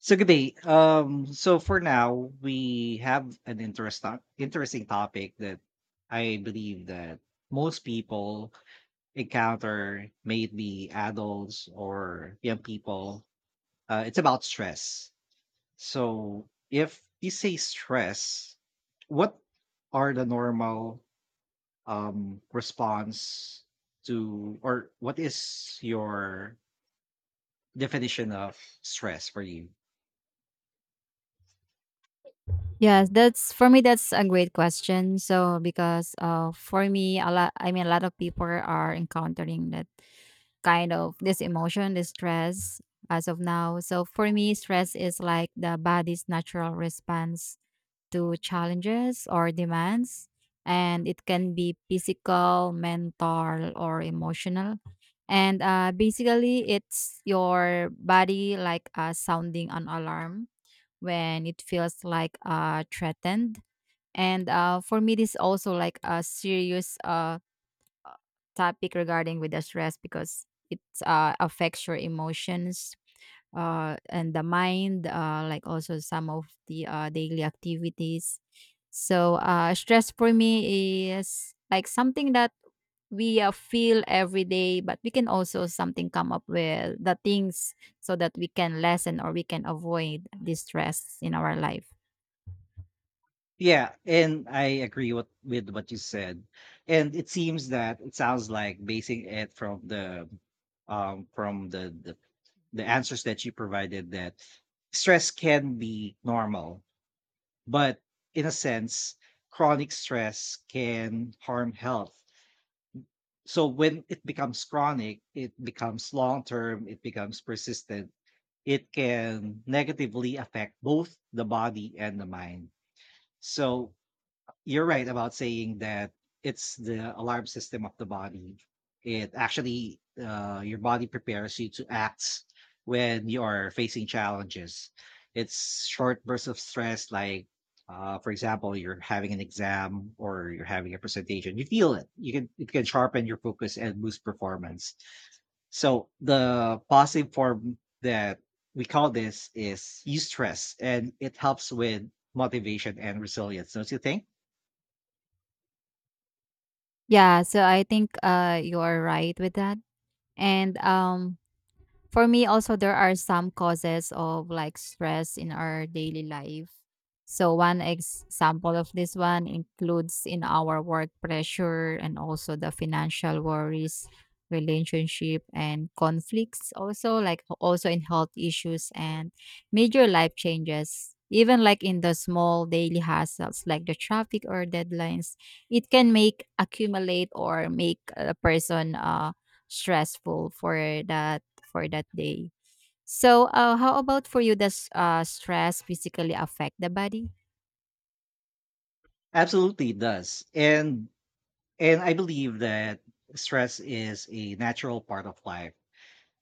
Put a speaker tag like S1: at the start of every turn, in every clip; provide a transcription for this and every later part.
S1: So good day. So for now, we have an interesting topic that I believe that most people encounter, may it be adults or young people. It's about stress. So if you say stress, what are the normal response to, or what is your definition of stress for you?
S2: Yes, that's for me. That's a great question. So because for me, a lot. I mean, a lot of people are encountering that kind of this emotion, this stress as of now. So for me, stress is like the body's natural response to challenges or demands, and it can be physical, mental, or emotional. And basically, it's your body sounding an alarm when it feels threatened and for me this also like a serious topic regarding with the stress because it affects your emotions and the mind like also some of the daily activities so stress for me is like something that we feel every day but we can also something come up with the things so that we can lessen or we can avoid this stress in our life.
S1: Yeah, and I agree with what you said. And it seems that it sounds like basing it from the from the answers that you provided that stress can be normal, but in a sense, chronic stress can harm health. So when it becomes chronic, it becomes long term, it becomes persistent. It can negatively affect both the body and the mind. So you're right about saying that it's the alarm system of the body. It actually, your body prepares you to act when you are facing challenges. It's short bursts of stress, like, for example, you're having an exam or you're having a presentation. You feel it. You can It can sharpen your focus and boost performance. So the positive form that we call this is eustress, and it helps with motivation and resilience, don't you think?
S2: Yeah, so I think you are right with that. And for me, also, there are some causes of like stress in our daily life. So, one example of this one includes in our work pressure and also the financial worries, relationship, and conflicts, also, like also in health issues and major life changes. Even like in the small daily hassles like the traffic or deadlines, it can make accumulate or make a person stressful for that that day. So, how about for you? Does stress physically affect the body?
S1: Absolutely, it does. And I believe that stress is a natural part of life.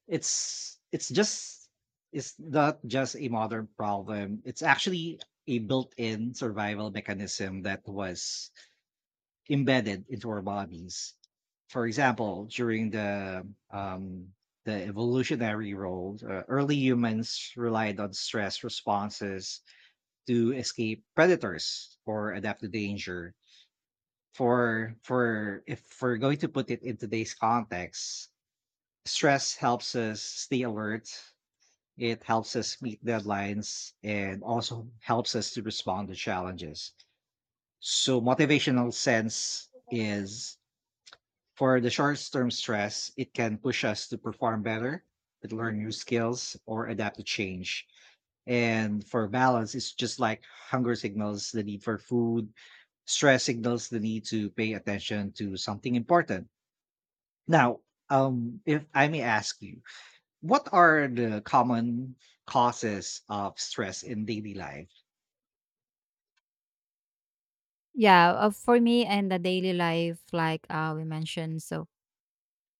S1: It's it's just it's not just a modern problem. It's actually a built-in survival mechanism that was embedded into our bodies. For example, during the evolutionary role, early humans relied on stress responses to escape predators or adapt to danger for if we're going to put it in today's context, stress helps us stay alert. It helps us meet deadlines and also helps us to respond to challenges. So motivational sense is for the short-term stress, it can push us to perform better, to learn new skills or adapt to change. And for balance, it's just like hunger signals the need for food, stress signals the need to pay attention to something important. Now, if I may ask you, what are the common causes of stress in daily life?
S2: Yeah, for me and the daily life, we mentioned. So,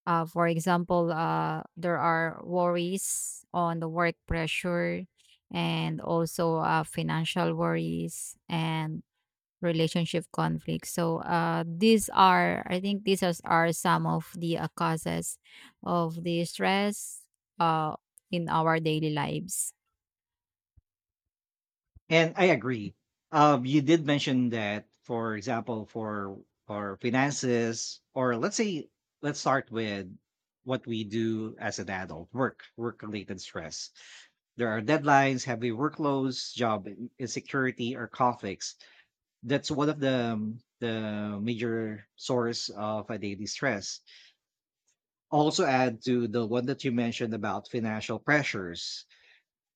S2: for example, there are worries on the work pressure, and also financial worries and relationship conflicts. So, these are, I think, are some of the causes of the stress uh, in our daily lives.
S1: And I agree. You did mention that, for example, for finances, or let's say, let's start with what we do as an adult, work, work-related stress. There are deadlines, heavy workloads, insecurity, or conflicts. That's one of the major source of a daily stress, also add to the one that you mentioned about financial pressures.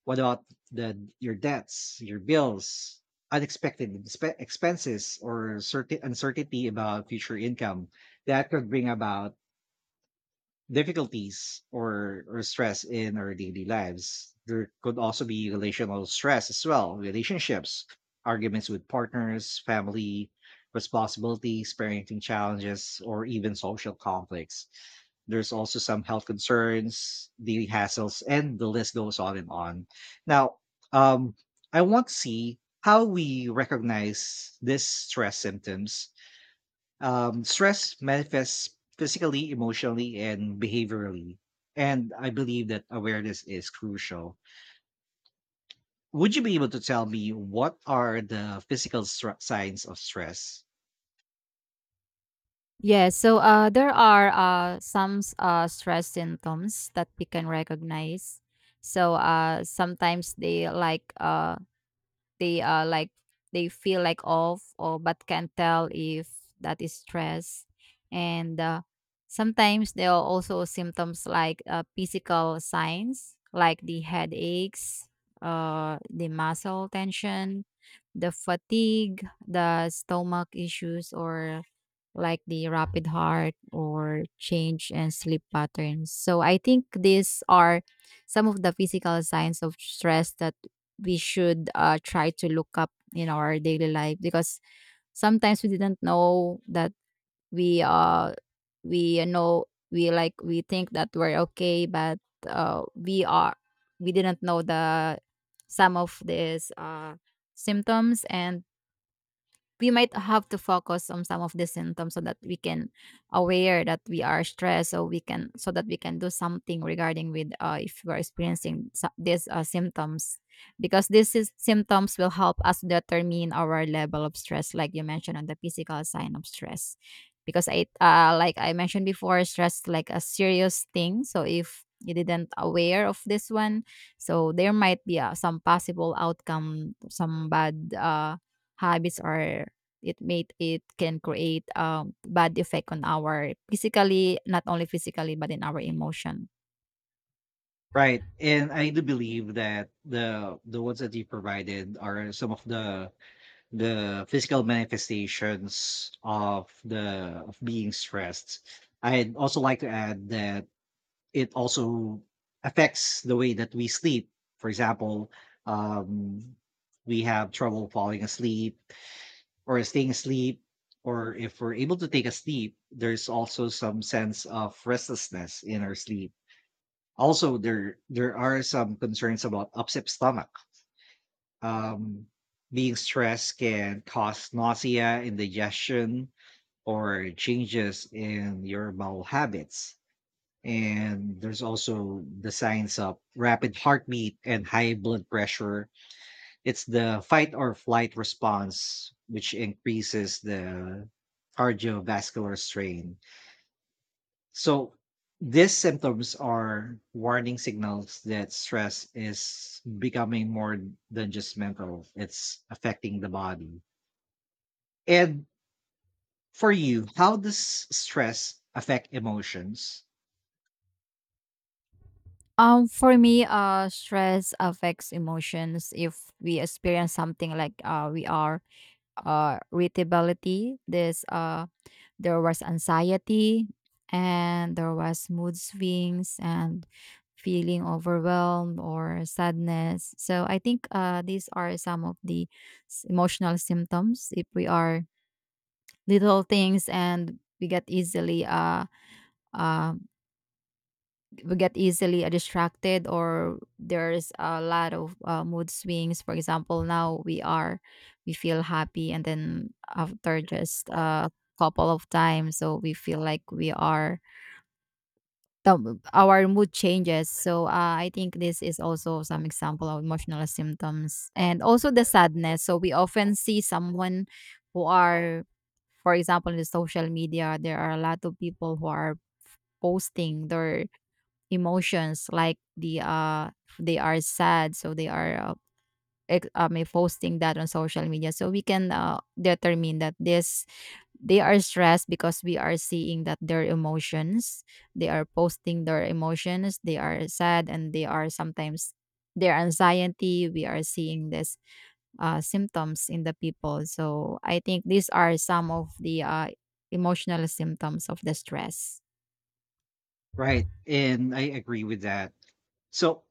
S1: What about the your debts, your bills, unexpected expenses, or certain uncertainty about future income? That could bring about difficulties or stress in our daily lives. There could also be relational stress as well, relationships, arguments with partners, family, responsibilities, parenting challenges, or even social conflicts. There's also some health concerns, daily hassles, and the list goes on and on. Now, um, I want to see how we recognize these stress symptoms. Stress manifests physically, emotionally, and behaviorally. And I believe that awareness is crucial. Would you be able to tell me what are the physical signs of stress?
S2: Yes, so there are some stress symptoms that we can recognize. So sometimes they uh, like they feel like off or but can't tell if that is stress, and sometimes there are also symptoms physical signs like the headaches, the muscle tension, the fatigue, the stomach issues, or like the rapid heart or change and sleep patterns. So I think these are some of the physical signs of stress that we should try to look up in our daily life because sometimes we didn't know that we uh we know we think that we're okay but we are we didn't know the some of these symptoms and we might have to focus on some of the symptoms so that we can aware that we are stressed so that we can do something regarding with if we're experiencing these symptoms because this is symptoms will help us determine our level of stress like you mentioned on the physical sign of stress because I like I mentioned before stress like a serious thing so if you didn't aware of this one so there might be some possible outcome some bad habits or it can create bad effect on our physically not only physically but in our emotion.
S1: Right. And I do believe that the ones that you provided are some of the physical manifestations of the of being stressed. I'd also like to add that it also affects the way that we sleep. For example, um, we have trouble falling asleep or staying asleep, or if we're able to take a sleep, there's also some sense of restlessness in our sleep. Also, there are some concerns about upset stomach. Um, being stressed can cause nausea, indigestion, or changes in your bowel habits, and there's also the signs of rapid heartbeat and high blood pressure. It's the fight or flight response, which increases the cardiovascular strain. So, these symptoms are warning signals that stress is becoming more than just mental, it's affecting the body. And for you, how does stress affect emotions?
S2: For me stress affects emotions if we experience something we are irritability this there was anxiety and there was mood swings and feeling overwhelmed or sadness so I think these are some of the emotional symptoms if we are little things and uh we get easily distracted or there's a lot of mood swings for example now we are we feel happy and then after just a couple of times so we feel like we are the our mood changes. So, I think this is also some example of emotional symptoms and also the sadness. So we often see someone who are, for example, in the social media, there are a lot of people who are posting their emotions they are sad so they are may posting that on social media so we can determine that this they are stressed because we are seeing that their emotions they are posting their emotions they are sad and they are sometimes their anxiety we are seeing this symptoms in the people so I think these are some of the emotional symptoms of the stress.
S1: Right, and I agree with that. So,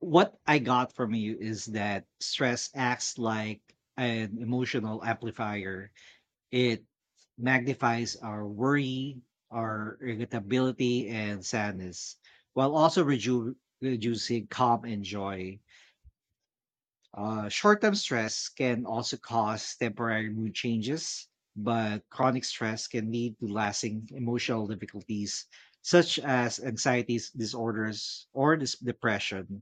S1: what I got from you is that stress acts like an emotional amplifier. It magnifies our worry, our irritability, and sadness, while also reducing calm and joy. Short term stress can also cause temporary mood changes, but chronic stress can lead to lasting emotional difficulties such as anxiety disorders or depression.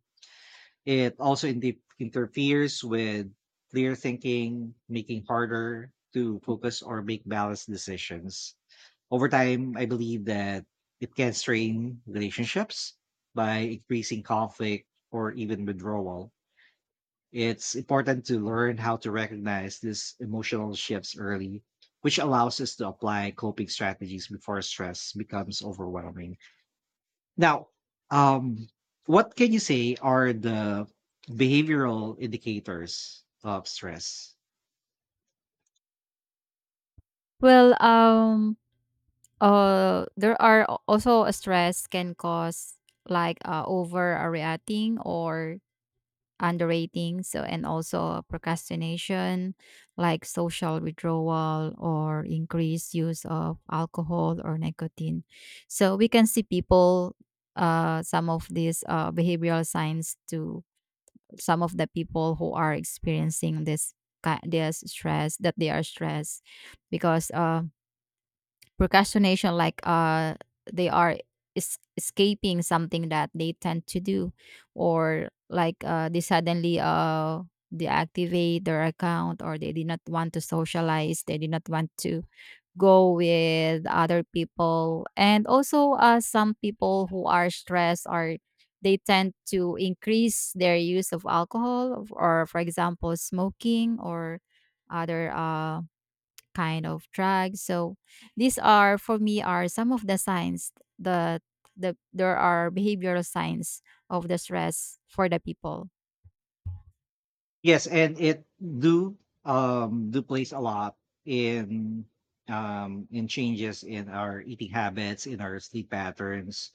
S1: It also interferes with clear thinking, making harder to focus or make balanced decisions. Over time, I believe that it can strain relationships by increasing conflict or even withdrawal. It's important to learn how to recognize these emotional shifts early, which allows us to apply coping strategies before stress becomes overwhelming. Now, um, what can you say are the behavioral indicators of stress?
S2: Well, there are also a stress can cause overreacting or underrating so and also procrastination like social withdrawal or increased use of alcohol or nicotine so we can see people some of these behavioral signs to some of the people who are experiencing this stress that they are stressed because procrastination they are escaping something that they tend to do or they suddenly deactivate their account or they did not want to socialize they did not want to go with other people and also some people who are stressed are they tend to increase their use of alcohol or for example smoking or other kind of drug. So these are for me are some of the signs that there are behavioral signs of the stress for the people.
S1: Yes, and it do plays a lot in in changes in our eating habits, in our sleep patterns,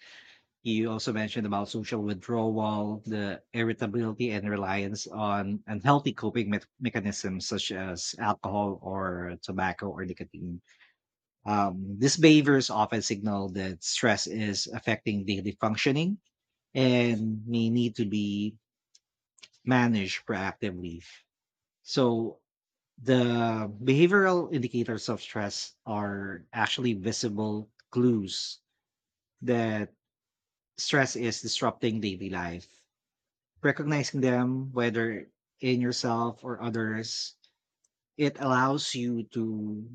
S1: you also mentioned about social withdrawal, the irritability, and reliance on unhealthy coping mechanisms such as alcohol or tobacco or nicotine. These behaviors often signal that stress is affecting daily functioning and may need to be managed proactively. So, the behavioral indicators of stress are actually visible clues that stress is disrupting daily life. Recognizing them, whether in yourself or others, it allows you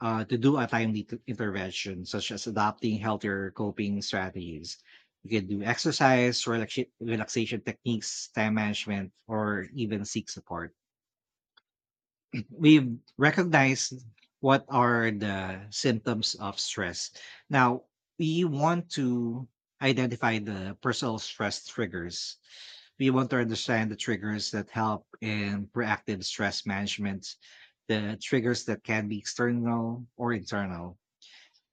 S1: to do a timely intervention, such as adopting healthier coping strategies. You can do exercise, relaxation techniques, time management, or even seek support. We've recognized what are the symptoms of stress. Now, we want to identify the personal stress triggers. We want to understand the triggers that help in proactive stress management, the triggers that can be external or internal.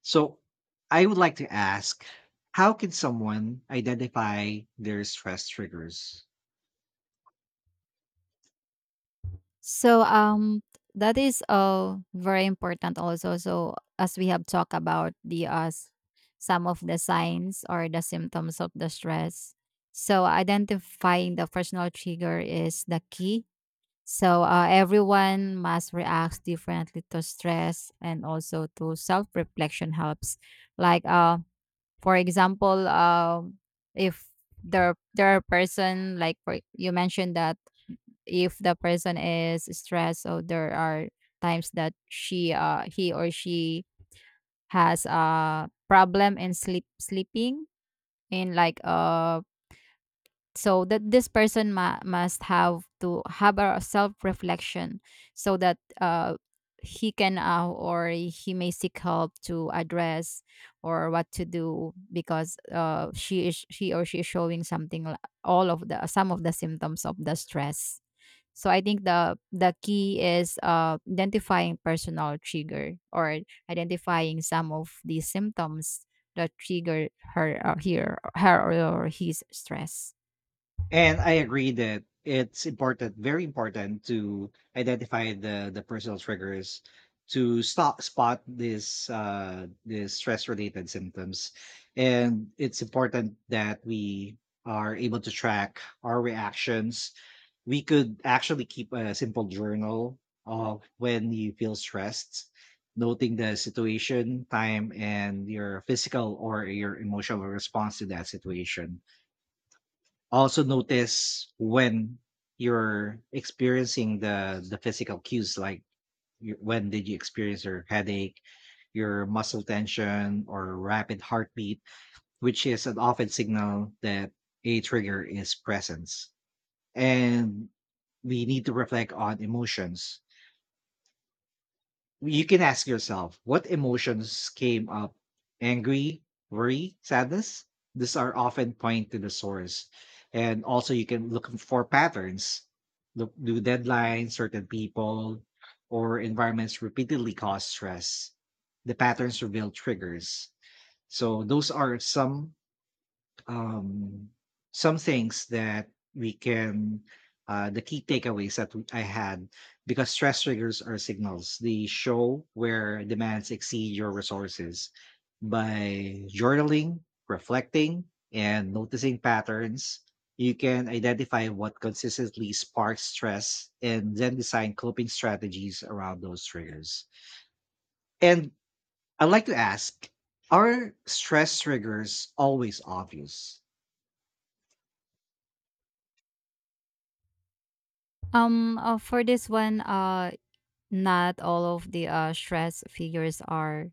S1: So, I would like to ask, how can someone identify their stress triggers?
S2: So that is very important also. So as we have talked about the some of the signs or the symptoms of the stress. So identifying the personal trigger is the key. So everyone must react differently to stress and also to self reflection helps. Like uh, for example, if there are person like for, you mentioned that if the person is stressed, so there are times that she he or she has a problem in sleeping in so that this person must have to have a self reflection so that he can or he may seek help to address or what to do because she or she is showing something all of the some of the symptoms of the stress so I think the key is identifying personal trigger or identifying some of these symptoms that trigger her or his stress.
S1: And I agree that it's important, very important to identify the personal triggers to stop spot this this stress related symptoms. And it's important that we are able to track our reactions. We could actually keep a simple journal of when you feel stressed, noting the situation, time, and your physical or your emotional response to that situation. Also notice when you're experiencing the physical cues, like when did you experience your headache, your muscle tension, or rapid heartbeat, which is an often signal that a trigger is presence. And we need to reflect on emotions. You can ask yourself, what emotions came up? Angry, worry, sadness. These are often point to the source. And also you can look for patterns. Look Do deadlines, certain people, or environments repeatedly cause stress? The patterns reveal triggers. So those are um, some things that we can the key takeaways I had, because stress triggers are signals. They show where demands exceed your resources. By journaling, reflecting, and noticing patterns, you can identify what consistently sparks stress and then design coping strategies around those triggers. And I'd like to ask, are stress triggers always obvious?
S2: For this one, not all of the stress figures are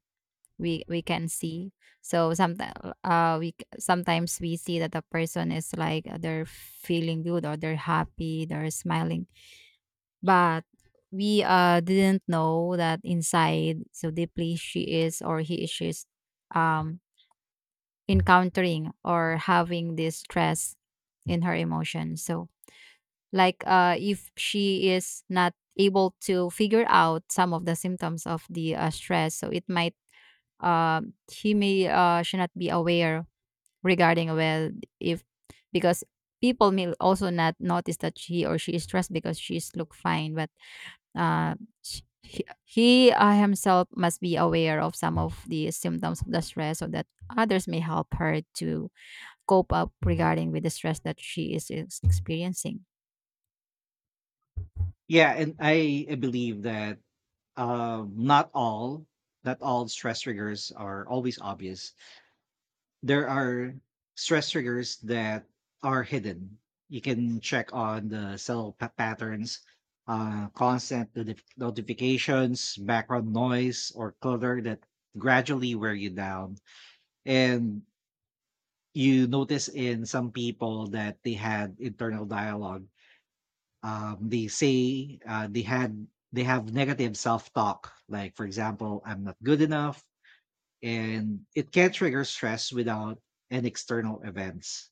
S2: we can see. So sometimes sometimes we see that the person is they're feeling good or they're happy, they're smiling, but we didn't know that inside so deeply she is or he is she's um encountering or having this stress in her emotion. So if she is not able to figure out some of the symptoms of the stress so it might uh, he may should not be aware regarding well if because people may also not notice that he or she is stressed because she's look fine but uh, he himself must be aware of some of the symptoms of the stress so that others may help her to cope up regarding with the stress that experiencing.
S1: Yeah, and I believe that um, not all not all stress triggers are always obvious. There are stress triggers that are hidden. You can check on the patterns, constant notifications, background noise, or clutter that gradually wear you down. And you notice in some people that they had internal dialogue. They say they had They have negative self-talk, like, for example, I'm not good enough, and it can trigger stress without an external events.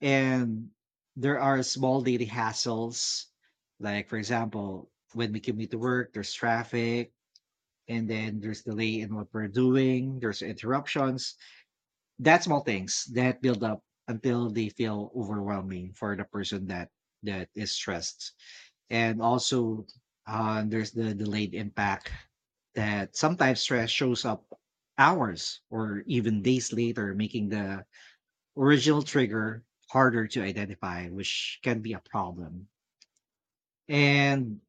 S1: And there are small daily hassles, like, for example, when we commute to work, there's traffic, and then there's delay in what we're doing, there's interruptions, that small things that build up until they feel overwhelming for the person that is stressed. And also there's the delayed impact, that sometimes stress shows up hours or even days later, making the original trigger harder to identify, which can be a problem. And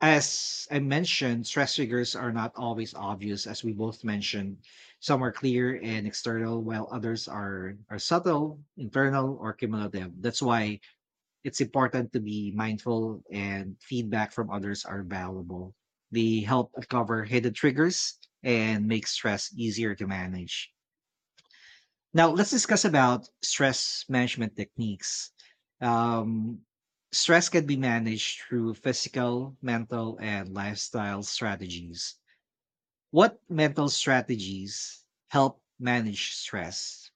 S1: as I mentioned, stress triggers are not always obvious, as we both mentioned. Some are clear and external, while others are subtle, internal, or cumulative. That's why it's important to be mindful, and feedback from others are valuable. They help uncover hidden triggers and make stress easier to manage. Now, let's discuss about stress management techniques. Um, Stress can be managed through physical, mental, and lifestyle strategies. What mental strategies help manage stress?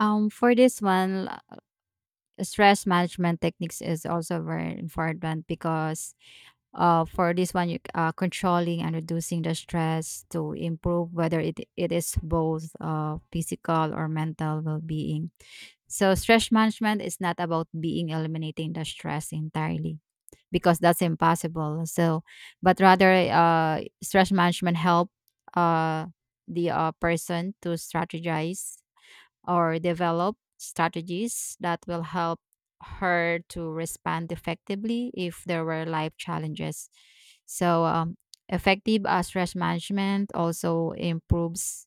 S2: For this one stress management techniques is also very important because for this one you controlling and reducing the stress to improve whether it is both physical or mental well-being so stress management is not about being eliminating the stress entirely because that's impossible so but rather stress management help uh, the person to strategize or develop strategies that will help her to respond effectively if there were life challenges. So, effective stress management also improves.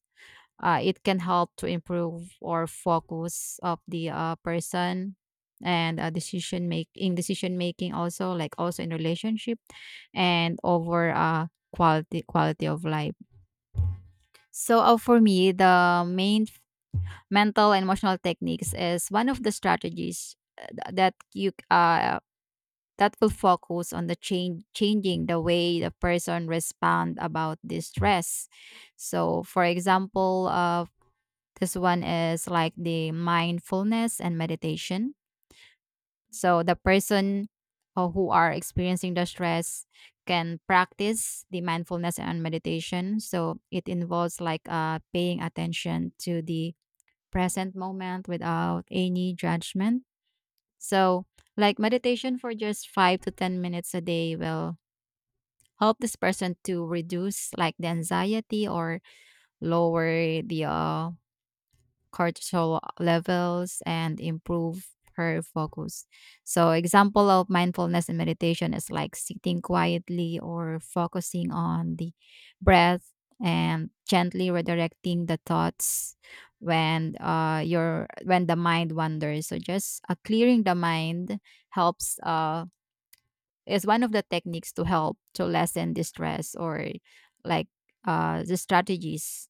S2: It can help to improve or focus of the person and decision make in decision making also like also in relationship and over quality of life so for me the main mental and emotional techniques is one of the strategies that you that will focus on the change changing the way the person respond about this stress so for example this one is like the mindfulness and meditation so the person who are experiencing the stress can practice the mindfulness and meditation so it involves paying attention to the present moment without any judgment. So, like meditation for just 5 to 10 minutes a day will help this person to reduce like the anxiety or lower the cortisol levels and improve her focus. So example of mindfulness and meditation is like sitting quietly or focusing on the breath and gently redirecting the thoughts when your when the mind wanders. So just clearing the mind helps is one of the techniques to help to lessen distress or like the strategies.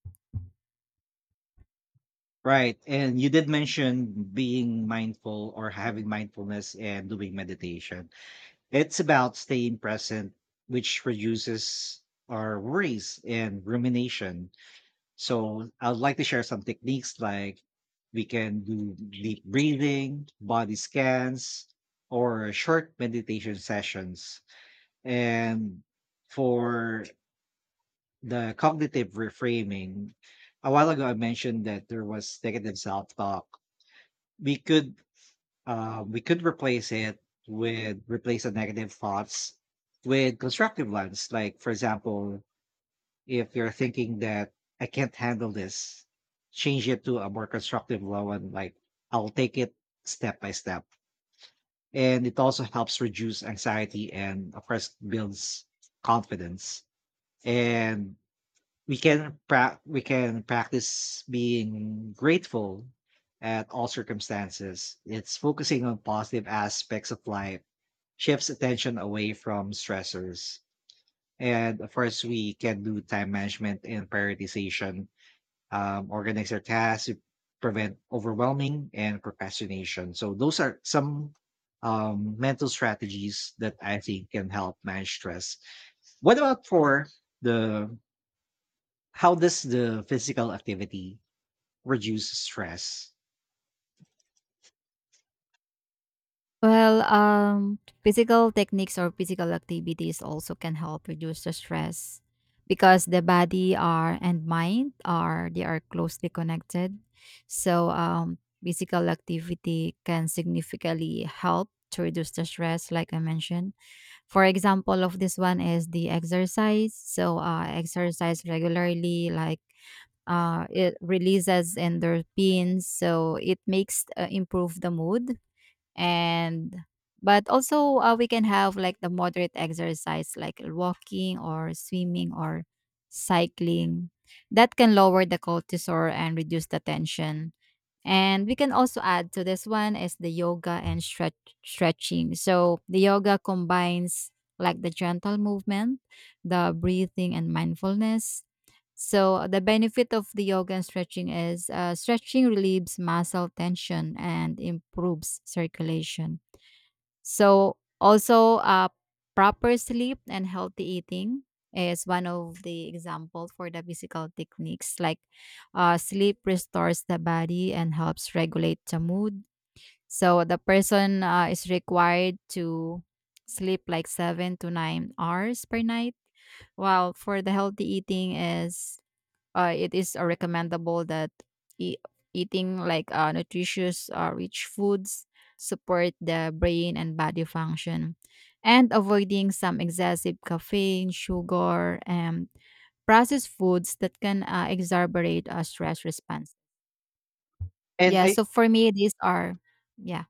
S1: Right. And you did mention being mindful or having mindfulness and doing meditation. It's about staying present, which reduces our worries and rumination. So I would like to share some techniques, like we can do deep breathing, body scans, or short meditation sessions. And for the cognitive reframing, a while ago I mentioned that there was negative self talk. We could replace it with replace the negative thoughts with constructive ones. Like, for example, if you're thinking that I can't handle this, change it to a more constructive one, like, I'll take it step by step. And it also helps reduce anxiety and, of course, builds confidence. And we can practice being grateful at all circumstances. It's focusing on positive aspects of life, shifts attention away from stressors. And of course, we can do time management and prioritization, organize our tasks, to prevent overwhelming and procrastination. So those are some mental strategies that I think can help manage stress. What about for the how does the physical activity reduce stress?
S2: Well, physical techniques or physical activities also can help reduce the stress because the body are and mind are they are closely connected. So, physical activity can significantly help to reduce the stress, like I mentioned. For example, of this one is the exercise. So, exercise regularly, like it releases endorphins, so it makes improve the mood and but also we can have like the moderate exercise like walking or swimming or cycling that can lower the cortisol and reduce the tension and we can also add to this one is the yoga and stretching. So the yoga combines like the gentle movement, the breathing and mindfulness. So the benefit of the yoga and stretching is stretching relieves muscle tension and improves circulation. So also proper sleep and healthy eating is one of the example for the physical techniques like sleep restores the body and helps regulate the mood. So the person is required to sleep like 7 to 9 hours per night. While for the healthy eating is it is recommendable that e- eating like nutritious rich foods support the brain and body function and avoiding some excessive caffeine sugar and processed foods that can exacerbate a stress response.
S1: And
S2: Yeah
S1: I
S2: so for me these are, yeah.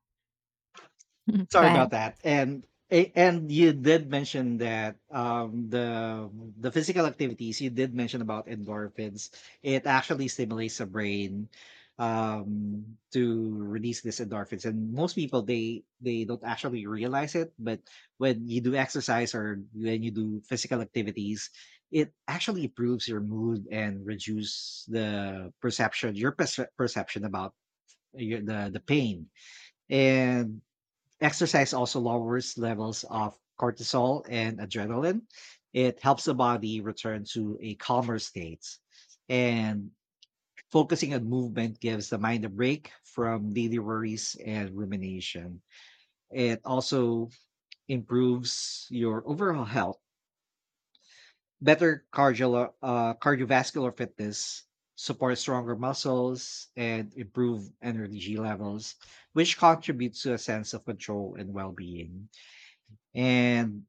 S2: Go
S1: Sorry about
S2: ahead.
S1: that. And and you did mention that the physical activities, you did mention about endorphins. It actually stimulates the brain to release these endorphins, and most people they don't actually realize it. But when you do exercise or when you do physical activities, it actually improves your mood and reduce the perception, your perception about the pain. And Exercise also lowers levels of cortisol and adrenaline. It helps the body return to a calmer state. And focusing on movement gives the mind a break from daily worries and rumination. It also improves your overall health. Better cardiovascular fitness supports stronger muscles and improve energy levels, which contributes to a sense of control and well being. And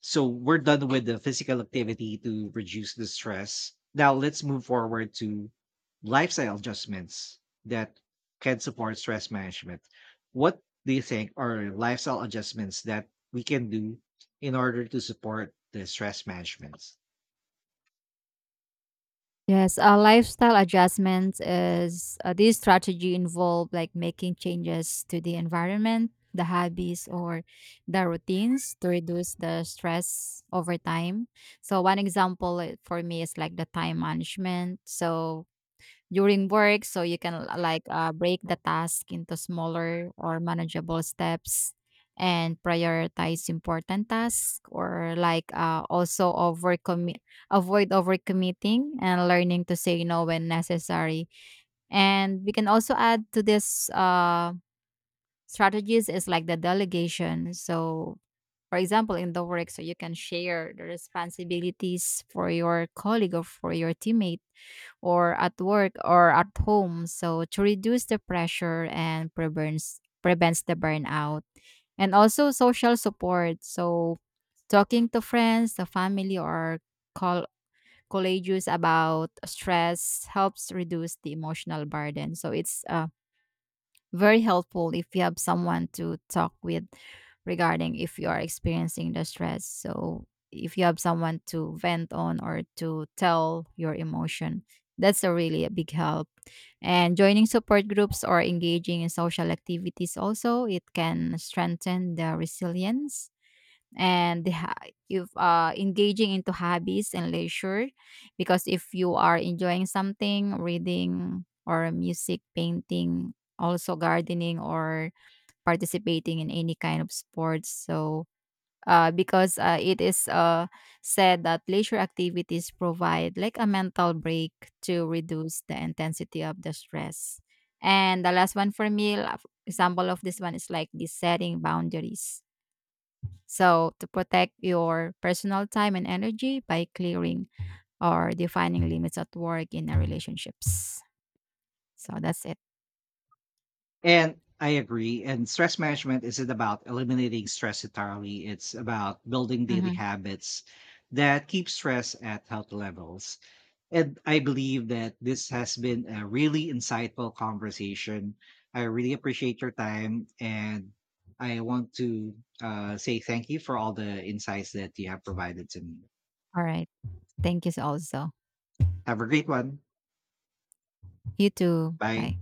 S1: so we're done with the physical activity to reduce the stress. Now let's move forward to lifestyle adjustments that can support stress management. What do you think are lifestyle adjustments that we can do in order to support the stress management?
S2: Yes, lifestyle adjustments is this strategy involve like making changes to the environment, the habits, or the routines to reduce the stress over time. So one example for me is like the time management. So during work so you can break the task into smaller or manageable steps and prioritize important tasks or also overcommit avoid overcommitting and learning to say no when necessary and we can also add to this strategies is like the delegation so for example in the work so you can share the responsibilities for your colleague or for your teammate or at work or at home so to reduce the pressure and prevents the burnout and also social support so talking to friends the family or call colleagues about stress helps reduce the emotional burden so it's very helpful if you have someone to talk with regarding if you are experiencing the stress. So if you have someone to vent on or to tell your emotion, that's a really a big help. And joining support groups or engaging in social activities also, it can strengthen the resilience and if engaging into hobbies and leisure because if you are enjoying something reading or music painting also gardening or participating in any kind of sports so because it is said that leisure activities provide like a mental break to reduce the intensity of the stress and the last one for me example of this one is like the setting boundaries so, to protect your personal time and energy by clearing or defining limits at work in our relationships. So, that's it.
S1: And I agree. And stress management isn't about eliminating stress entirely. It's about building daily
S2: Mhm.
S1: habits that keep stress at healthy levels. And I believe that this has been a really insightful conversation. I really appreciate your time. And I want to say thank you for all the insights that you have provided to me.
S2: All right. Thank you also.
S1: Have a great one.
S2: You too.
S1: Bye.
S2: Bye.